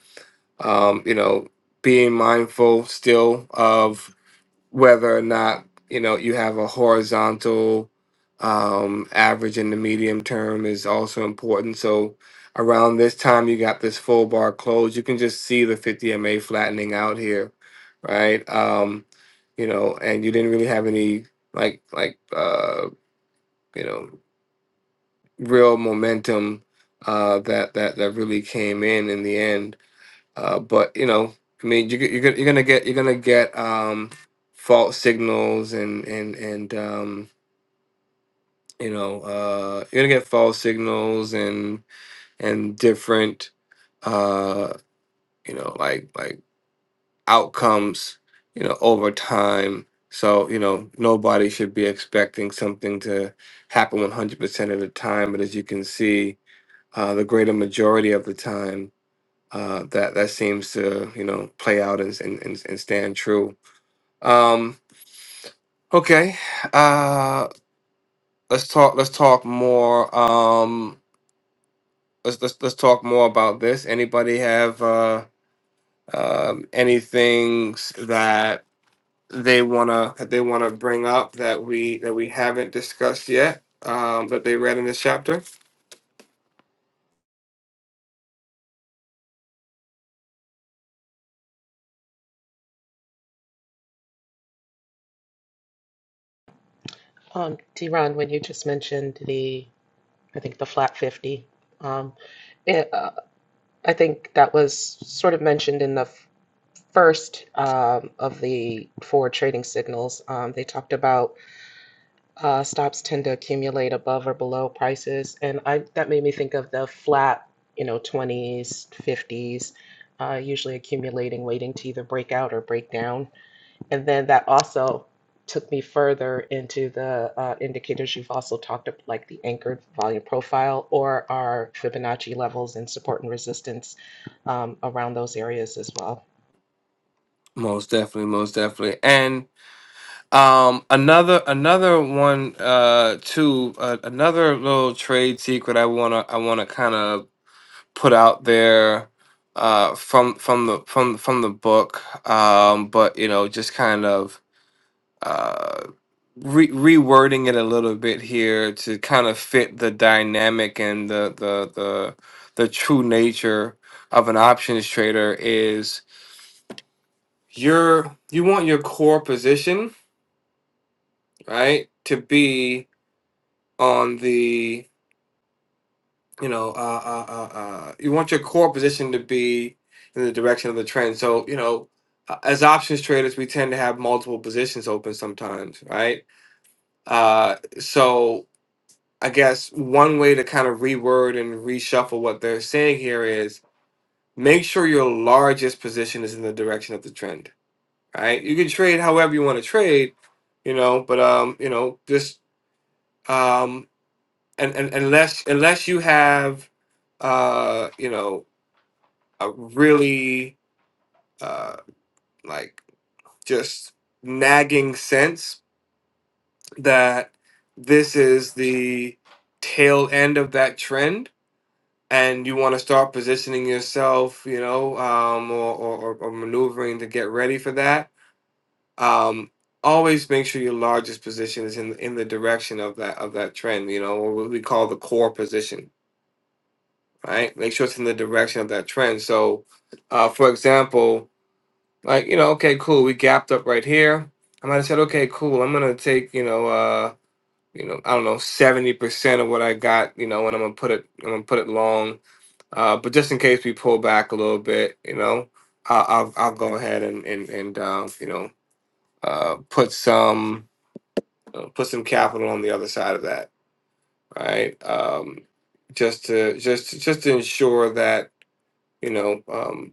A: Um, you know, being mindful still of whether or not you know you have a horizontal um, average in the medium term is also important. So around this time, you got this full bar close. You can just see the 50 MA flattening out here, right? Um, you know, and you didn't really have any like like uh, you know real momentum uh, that that that really came in in the end. Uh, but you know, I mean, you, you're gonna- you're gonna get you're gonna get um, false signals and and and um, you know uh, you're gonna get false signals and and different uh, you know like like outcomes you know over time. So you know nobody should be expecting something to happen 100% of the time, but as you can see, uh, the greater majority of the time uh, that that seems to you know play out and and, and, and stand true. Um, okay, uh, let's talk. Let's talk more. Um, let's, let's let's talk more about this. Anybody have uh, um, any things that they wanna that they wanna bring up that we that we haven't discussed yet? Um, that they read in this chapter.
B: Um, Ron, when you just mentioned the, I think the flat fifty. Um, it, uh, I think that was sort of mentioned in the first um, of the four trading signals. Um, they talked about. uh, stops tend to accumulate above or below prices. And I, that made me think of the flat, you know, 20s, 50s, uh, usually accumulating, waiting to either break out or break down. And then that also took me further into the uh, indicators you've also talked about, like the anchored volume profile or our Fibonacci levels and support and resistance um, around those areas as well.
A: Most definitely, most definitely, and. Um, another another one uh too, uh, another little trade secret I wanna I wanna kind of put out there uh from from the from from the book um but you know just kind of uh re- rewording it a little bit here to kind of fit the dynamic and the the the the true nature of an options trader is your you want your core position right to be on the you know uh, uh, uh, uh, you want your core position to be in the direction of the trend so you know uh, as options traders we tend to have multiple positions open sometimes right uh, so i guess one way to kind of reword and reshuffle what they're saying here is make sure your largest position is in the direction of the trend right you can trade however you want to trade you know but um you know just um and, and unless unless you have uh you know a really uh like just nagging sense that this is the tail end of that trend and you want to start positioning yourself you know um or, or or maneuvering to get ready for that um always make sure your largest position is in in the direction of that of that trend you know what we call the core position right? Make sure it's in the direction of that trend. So, uh, for example, like you know, okay, cool, we gapped up right here. I might have said, okay, cool, I'm gonna take you know, uh, you know, I don't know, seventy percent of what I got, you know, and I'm gonna put it, I'm gonna put it long. Uh, but just in case we pull back a little bit, you know, I'll I'll, I'll go ahead and and and uh, you know, uh, put some uh, put some capital on the other side of that, right? Um, just to just just to ensure that you know, um,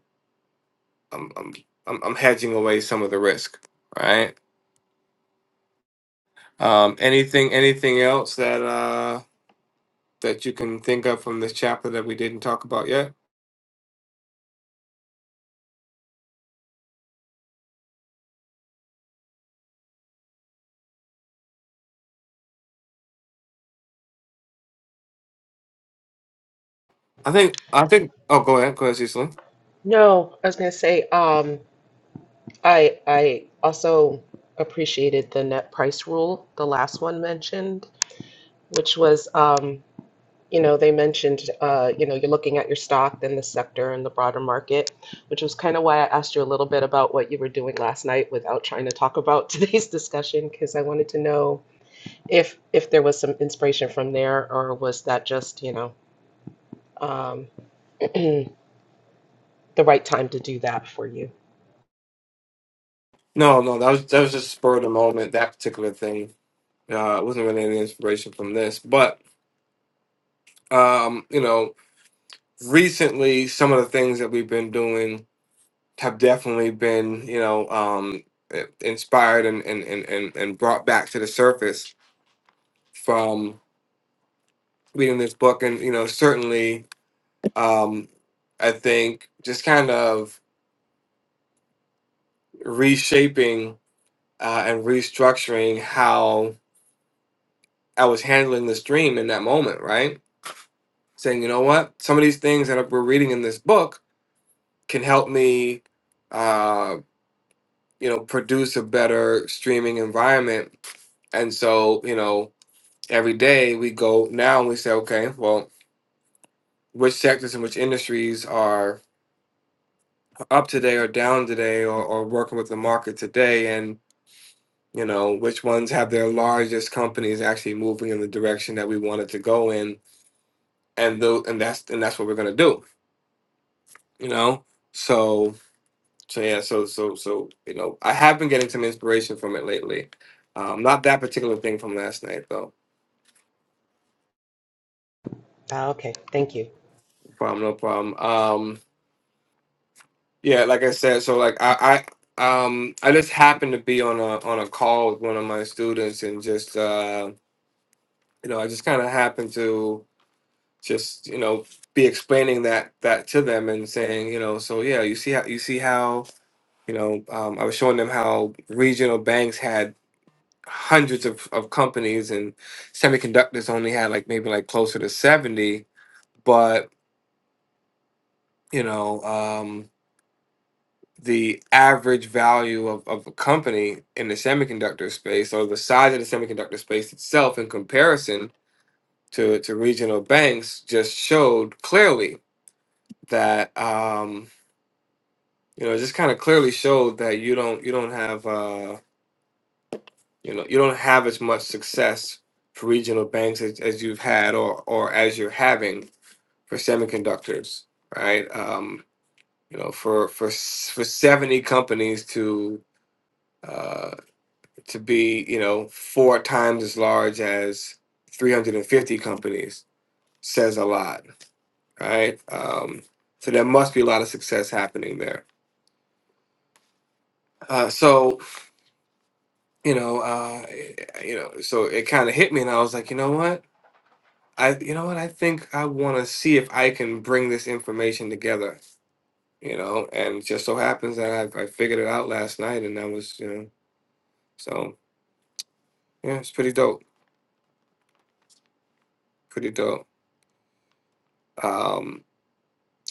A: I'm I'm I'm, I'm hedging away some of the risk. All right. Um, anything anything else that uh that you can think of from this chapter that we didn't talk about yet? I think I think. Oh, go ahead, go ahead, Cecily.
B: No, I was going to say, um, I I also appreciated the net price rule, the last one mentioned, which was um, you know, they mentioned uh, you know, you're looking at your stock, then the sector and the broader market, which was kind of why I asked you a little bit about what you were doing last night without trying to talk about today's discussion, because I wanted to know if if there was some inspiration from there or was that just, you know, um, the right time to do that for you.
A: No, no, that was that was just spur of the moment. That particular thing. Uh, it wasn't really any inspiration from this, but um, you know, recently some of the things that we've been doing have definitely been, you know, um, inspired and and and and and brought back to the surface reading this book and you know certainly um i think just kind of reshaping uh, and restructuring how i was handling this dream in that moment right saying you know what some of these things that we're reading in this book can help me uh you know produce a better streaming environment and so you know every day we go now and we say okay well which sectors and which industries are up today or down today or, or working with the market today and you know which ones have their largest companies actually moving in the direction that we wanted to go in and though and that's and that's what we're gonna do you know so so yeah so so so you know i have been getting some inspiration from it lately um not that particular thing from last night though
B: Ah, okay, thank you.
A: No problem no problem um yeah like i said so like i i um i just happened to be on a on a call with one of my students and just uh you know, I just kind of happened to just, you know, be explaining that that to them and saying, you know, so yeah, you see how you see how, you know, um, I was showing them how regional banks had hundreds of, of companies and semiconductors only had like maybe like closer to 70, but you know, um, the average value of, of a company in the semiconductor space or the size of the semiconductor space itself in comparison to, to regional banks just showed clearly that um, you know just kind of clearly showed that you don't you don't have uh, you know you don't have as much success for regional banks as, as you've had or or as you're having for semiconductors, right? Um, you know, for for s- for seventy companies to uh, to be you know four times as large as three hundred and fifty companies says a lot, right? Um, so there must be a lot of success happening there. Uh, so you know, uh, you know, so it kind of hit me, and I was like, you know what, I, you know what, I think I want to see if I can bring this information together, you know, and it just so happens that I, I figured it out last night, and that was, you know, so yeah, it's pretty dope, pretty dope. Um,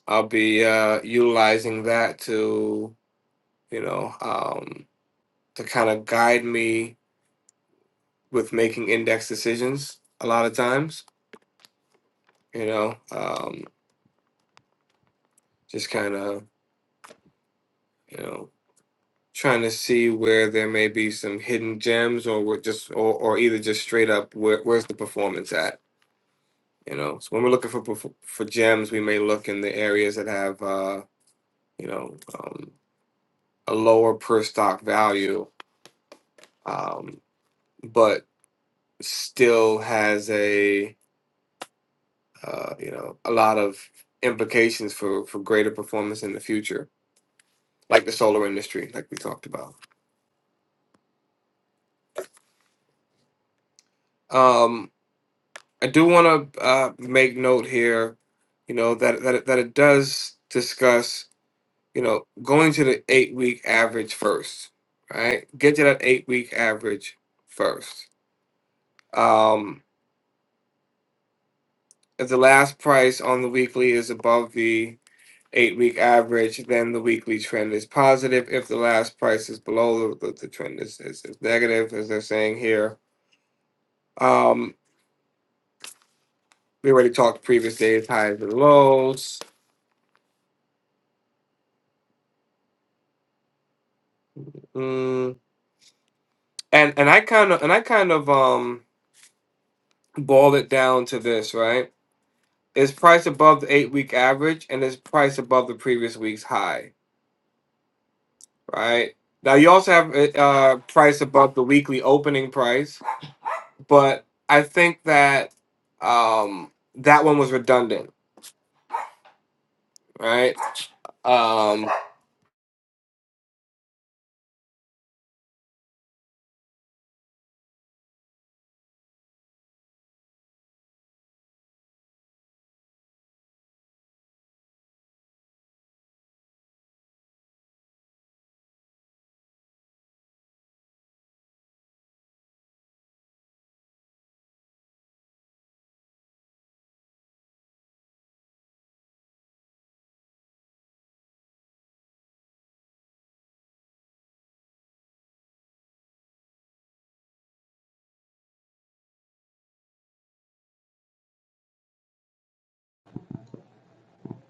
A: I'll be uh, utilizing that to, you know, um, to kind of guide me with making index decisions a lot of times, you know, um, just kind of, you know trying to see where there may be some hidden gems or we're just or, or either just straight up where, where's the performance at you know so when we're looking for perf- for gems we may look in the areas that have uh you know um, a lower per stock value um but still has a uh you know a lot of implications for for greater performance in the future like the solar industry like we talked about Um, I do want to uh, make note here, you know, that, that, it- that it does discuss, you know, going to the eight week average first, right? Get to that eight week average first. Um, if the last price on the weekly is above the eight week average, then the weekly trend is positive. If the last price is below, the, the, the trend is, is, is negative, as they're saying here. Um, we already talked previous days, highs and lows. Mm. and and I kind of and I kind of um boil it down to this, right? Is price above the eight week average and is price above the previous week's high, right? Now you also have it, uh price above the weekly opening price, but I think that um that one was redundant, right? Um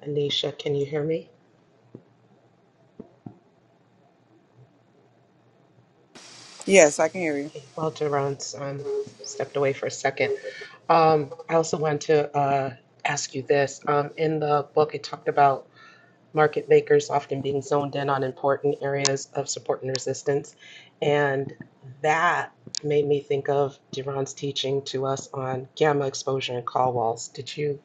B: Anisha, can you hear me?
C: Yes, I can hear you.
B: Okay, Well, Duran's um, stepped away for a second. Um, I also wanted to uh, ask you this. Um, in the book, it talked about market makers often being zoned in on important areas of support and resistance. And that made me think of Duran's teaching to us on gamma exposure and call walls. Did you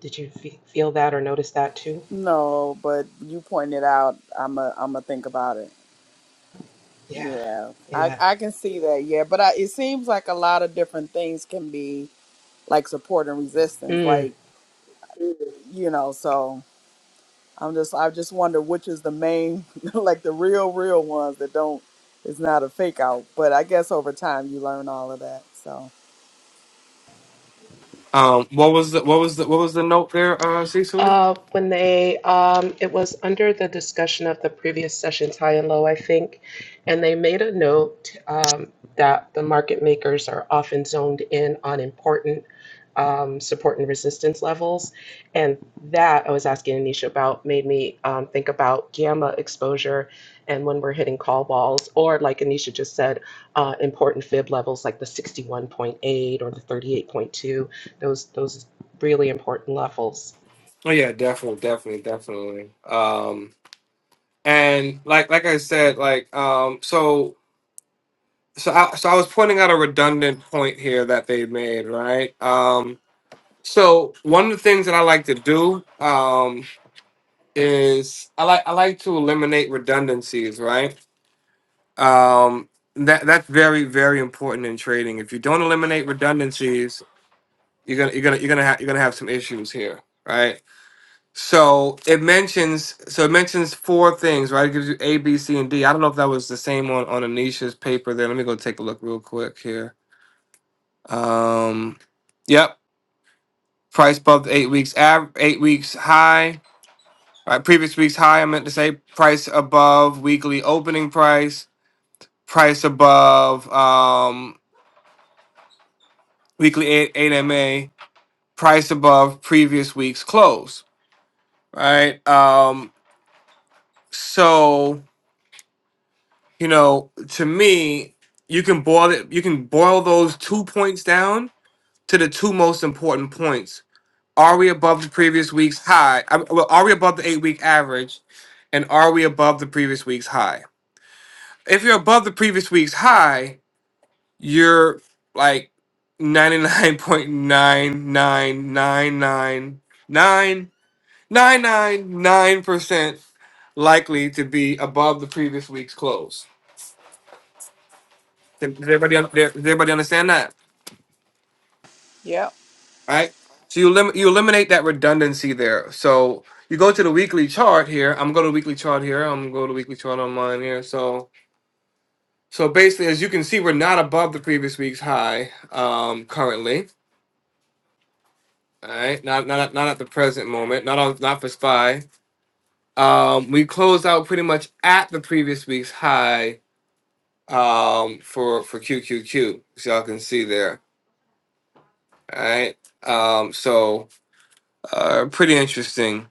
B: did you feel that or notice that too?
C: No, but you pointed it out. I'm a I'm a think about it.
B: Yeah,
C: Yeah, I
B: yeah.
C: I can see that. Yeah, but I, it seems like a lot of different things can be like support and resistance,
B: Mm.
C: like you know. So. I'm just I just wonder which is the main like the real real ones that don't it's not a fake out. But I guess over time you learn all of that. So
A: um what was the what was the what was the note there, uh Cecily?
B: Uh, when they, um, it was under the discussion of the previous sessions, high and low, I think, and they made a note um, that the market makers are often zoned in on important um, support and resistance levels. And that I was asking Anisha about made me um, think about gamma exposure and when we're hitting call walls or like Anisha just said, uh, important fib levels like the 61.8 or the 38.2, those, those really important levels.
A: Oh yeah, definitely, definitely, definitely. Um and like like I said, like um so so I, so I was pointing out a redundant point here that they made, right? Um, so one of the things that I like to do um, is I like I like to eliminate redundancies, right? Um, that that's very very important in trading. If you don't eliminate redundancies, you're gonna you're gonna you're gonna have you're gonna have some issues here, right? So it mentions so it mentions four things, right? It gives you A, B, C, and D. I don't know if that was the same on on Anisha's paper there. Let me go take a look real quick here. Um, yep, price above the eight weeks av- eight weeks high. Uh, previous week's high. I meant to say price above weekly opening price. Price above um, weekly eight, eight MA. Price above previous week's close. Right. Um, so you know, to me, you can boil it. You can boil those two points down to the two most important points Are we above the previous week's high? I mean, well, are we above the eight week average? And are we above the previous week's high? If you're above the previous week's high, you're like ninety-nine point nine nine nine nine nine nine nine nine percent likely to be above the previous week's close. Does everybody, does everybody understand that?
C: Yep.
A: right? So you lim- you eliminate that redundancy there. So you go to the weekly chart here. I'm going to the weekly chart here. I'm going to go to weekly chart online here. So so basically, as you can see, we're not above the previous week's high um, currently. All right, not not not at the present moment. Not on not for spy. Um, we closed out pretty much at the previous week's high um, for for QQQ. As y'all can see there. All right. Um, so uh, pretty interesting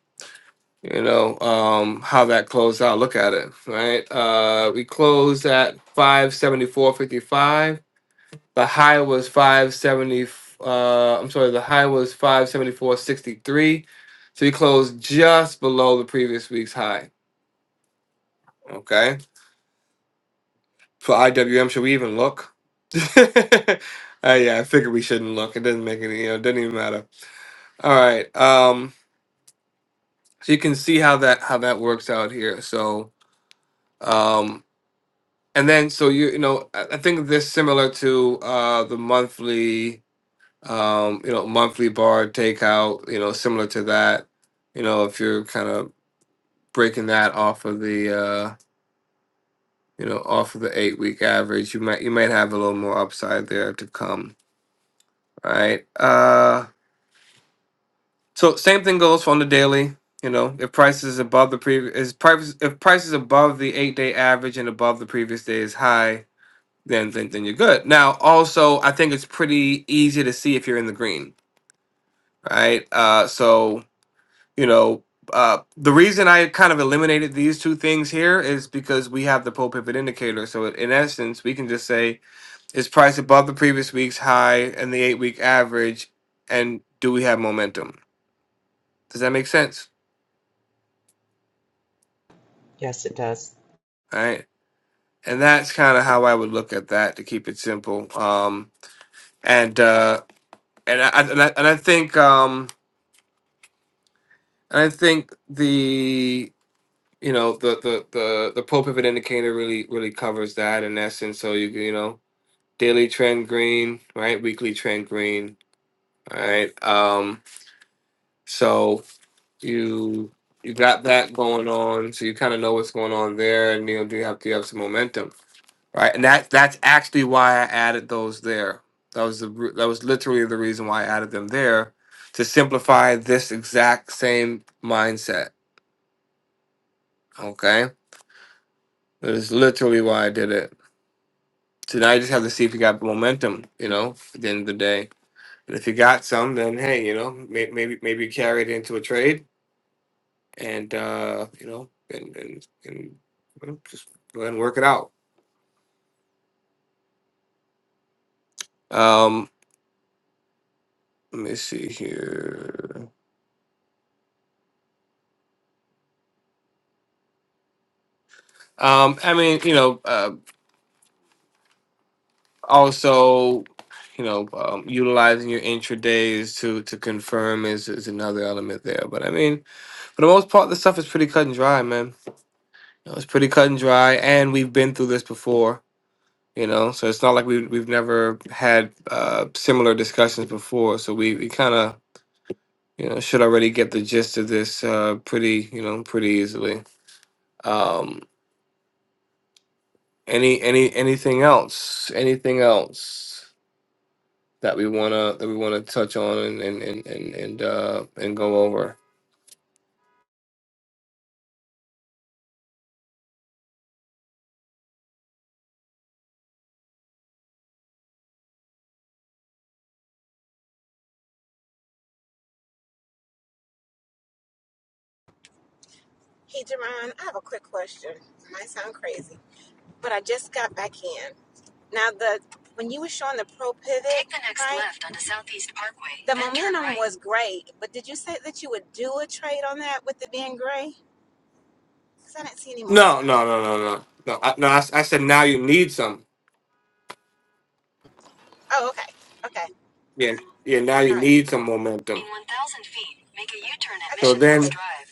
A: you know um how that closed out look at it right uh we closed at 574.55 the high was 570 uh i'm sorry the high was 574.63 so we closed just below the previous week's high okay for iwm should we even look uh, yeah i figured we shouldn't look it doesn't make any you know it doesn't even matter all right um so you can see how that how that works out here so Um, and then so you you know I, I think this similar to uh the monthly um you know monthly bar takeout you know similar to that you know if you're kind of breaking that off of the uh you know off of the eight week average you might you might have a little more upside there to come right uh so same thing goes on the daily you know if price is above the previous is price if price is above the eight day average and above the previous day's high then then then you're good. Now, also, I think it's pretty easy to see if you're in the green, right? Uh, so you know, uh, the reason I kind of eliminated these two things here is because we have the pole pivot indicator. So it- in essence, we can just say is price above the previous week's high and the eight week average, and do we have momentum? Does that make sense?
B: Yes, it does.
A: All right, and that's kind of how I would look at that to keep it simple. Um, and uh, and I and I, and I think um. And I think the you know the the the the Pope pivot indicator really really covers that in essence. So you you know daily trend green, right? Weekly trend green, right. Um, so you you got that going on, so you kind of know what's going on there, and you know do you have do you have some momentum, right? And that that's actually why I added those there. That was the re- that was literally the reason why I added them there to simplify this exact same mindset. Okay That's literally why I did it. So now I just have to see if you got momentum, you know, at the end of the day. And if you got some, then hey, you know, may- maybe maybe carry it into a trade and uh, you know, and and, and you just go ahead and work it out. Um, let me see here. Um, I mean, you know, uh, also, you know, um, utilizing your intradays to to confirm is is another element there. But I mean, for the most part, this stuff is pretty cut and dry, man know, it's pretty cut and dry, and we've been through this before, you know. So it's not like we we've never had uh, similar discussions before. So we we kind of you know should already get the gist of this uh, pretty you know pretty easily. Um, any any anything else? Anything else? That we wanna that we wanna touch on and and and and and, uh, and go over.
I: Hey, Jerron, I have a quick question. It might sound crazy, but I just got back in. Now, the when you were showing the pro pivot, take the next right, left onto Southeast Parkway. The then turn momentum right. was great, but did you say that you would do a trade on that with it being gray? Because I didn't see any
A: No
I: momentum.
A: no no no no no I, no. I, s- I said now you need some.
I: Oh, okay, okay,
A: Yeah yeah. Now you
I: all right.
A: need some momentum.
I: In 1,000 feet, make a U-turn at Okay,
A: So
I: Mission Hills
A: then
I: okay. Drive.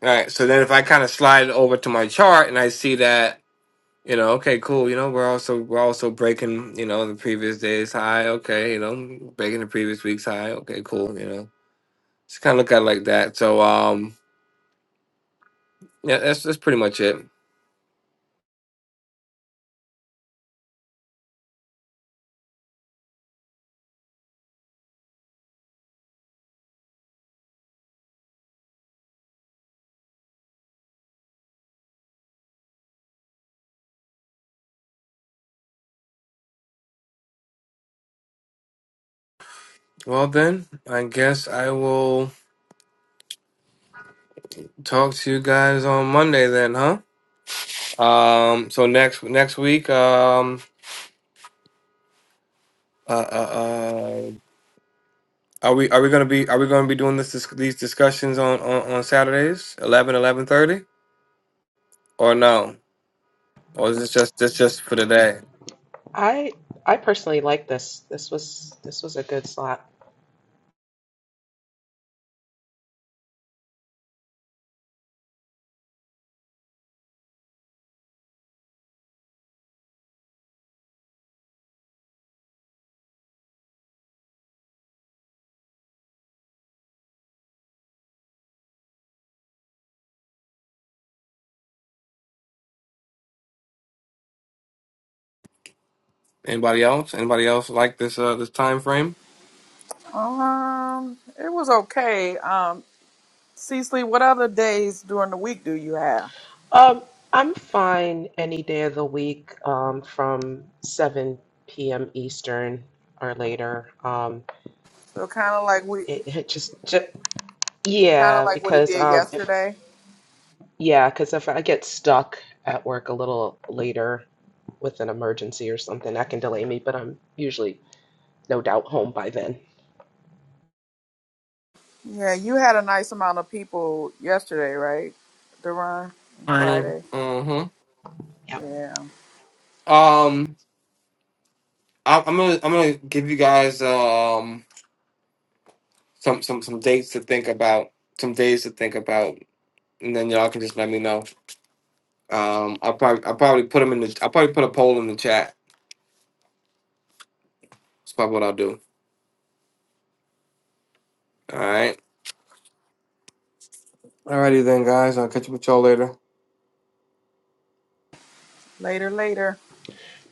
A: All right. So then if I kind of slide over to my chart and I see that, you know, okay, cool, you know, we're also we're also breaking, you know, the previous day's high, okay, you know, breaking the previous week's high, okay, cool, you know. Just kind of look at it like that. So um yeah, that's that's pretty much it. Well then, I guess I will talk to you guys on Monday then, huh? Um so next next week um uh, uh, uh, are we are we gonna be are we gonna be doing this dis- these discussions on, on on Saturdays eleven eleven thirty? Or no? Or is this just this just for today?
B: I I personally like this. This was this was a good slot.
A: Anybody else? Anybody else like this uh this time frame?
C: Um, it was okay. Um, Cecily, what other days during the week do you have?
B: Um, I'm fine any day of the week um, from 7 p.m. Eastern or later. Um,
C: So kind of like we,
B: it, it just, just
C: kind of
B: yeah,
C: like what he
B: because
C: did
B: um, if
C: yesterday.
B: yeah, because if I get stuck at work a little later with an emergency or something, that can delay me. But I'm usually no doubt home by then.
C: Yeah, you had a nice amount of people yesterday, right? Duran Friday.
A: Mm-hmm.
B: Yep.
C: Yeah.
A: Um, I, I'm gonna I'm gonna give you guys um some some some dates to think about, some days to think about, and then y'all can just let me know. Um, I'll probably I'll probably put them in the I'll probably put a poll in the chat. That's probably what I'll do. All right. Alrighty then, guys. I'll catch up with y'all later.
C: Later, later.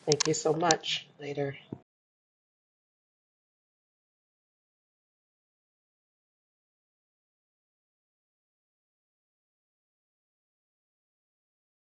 B: Thank you so much. Later.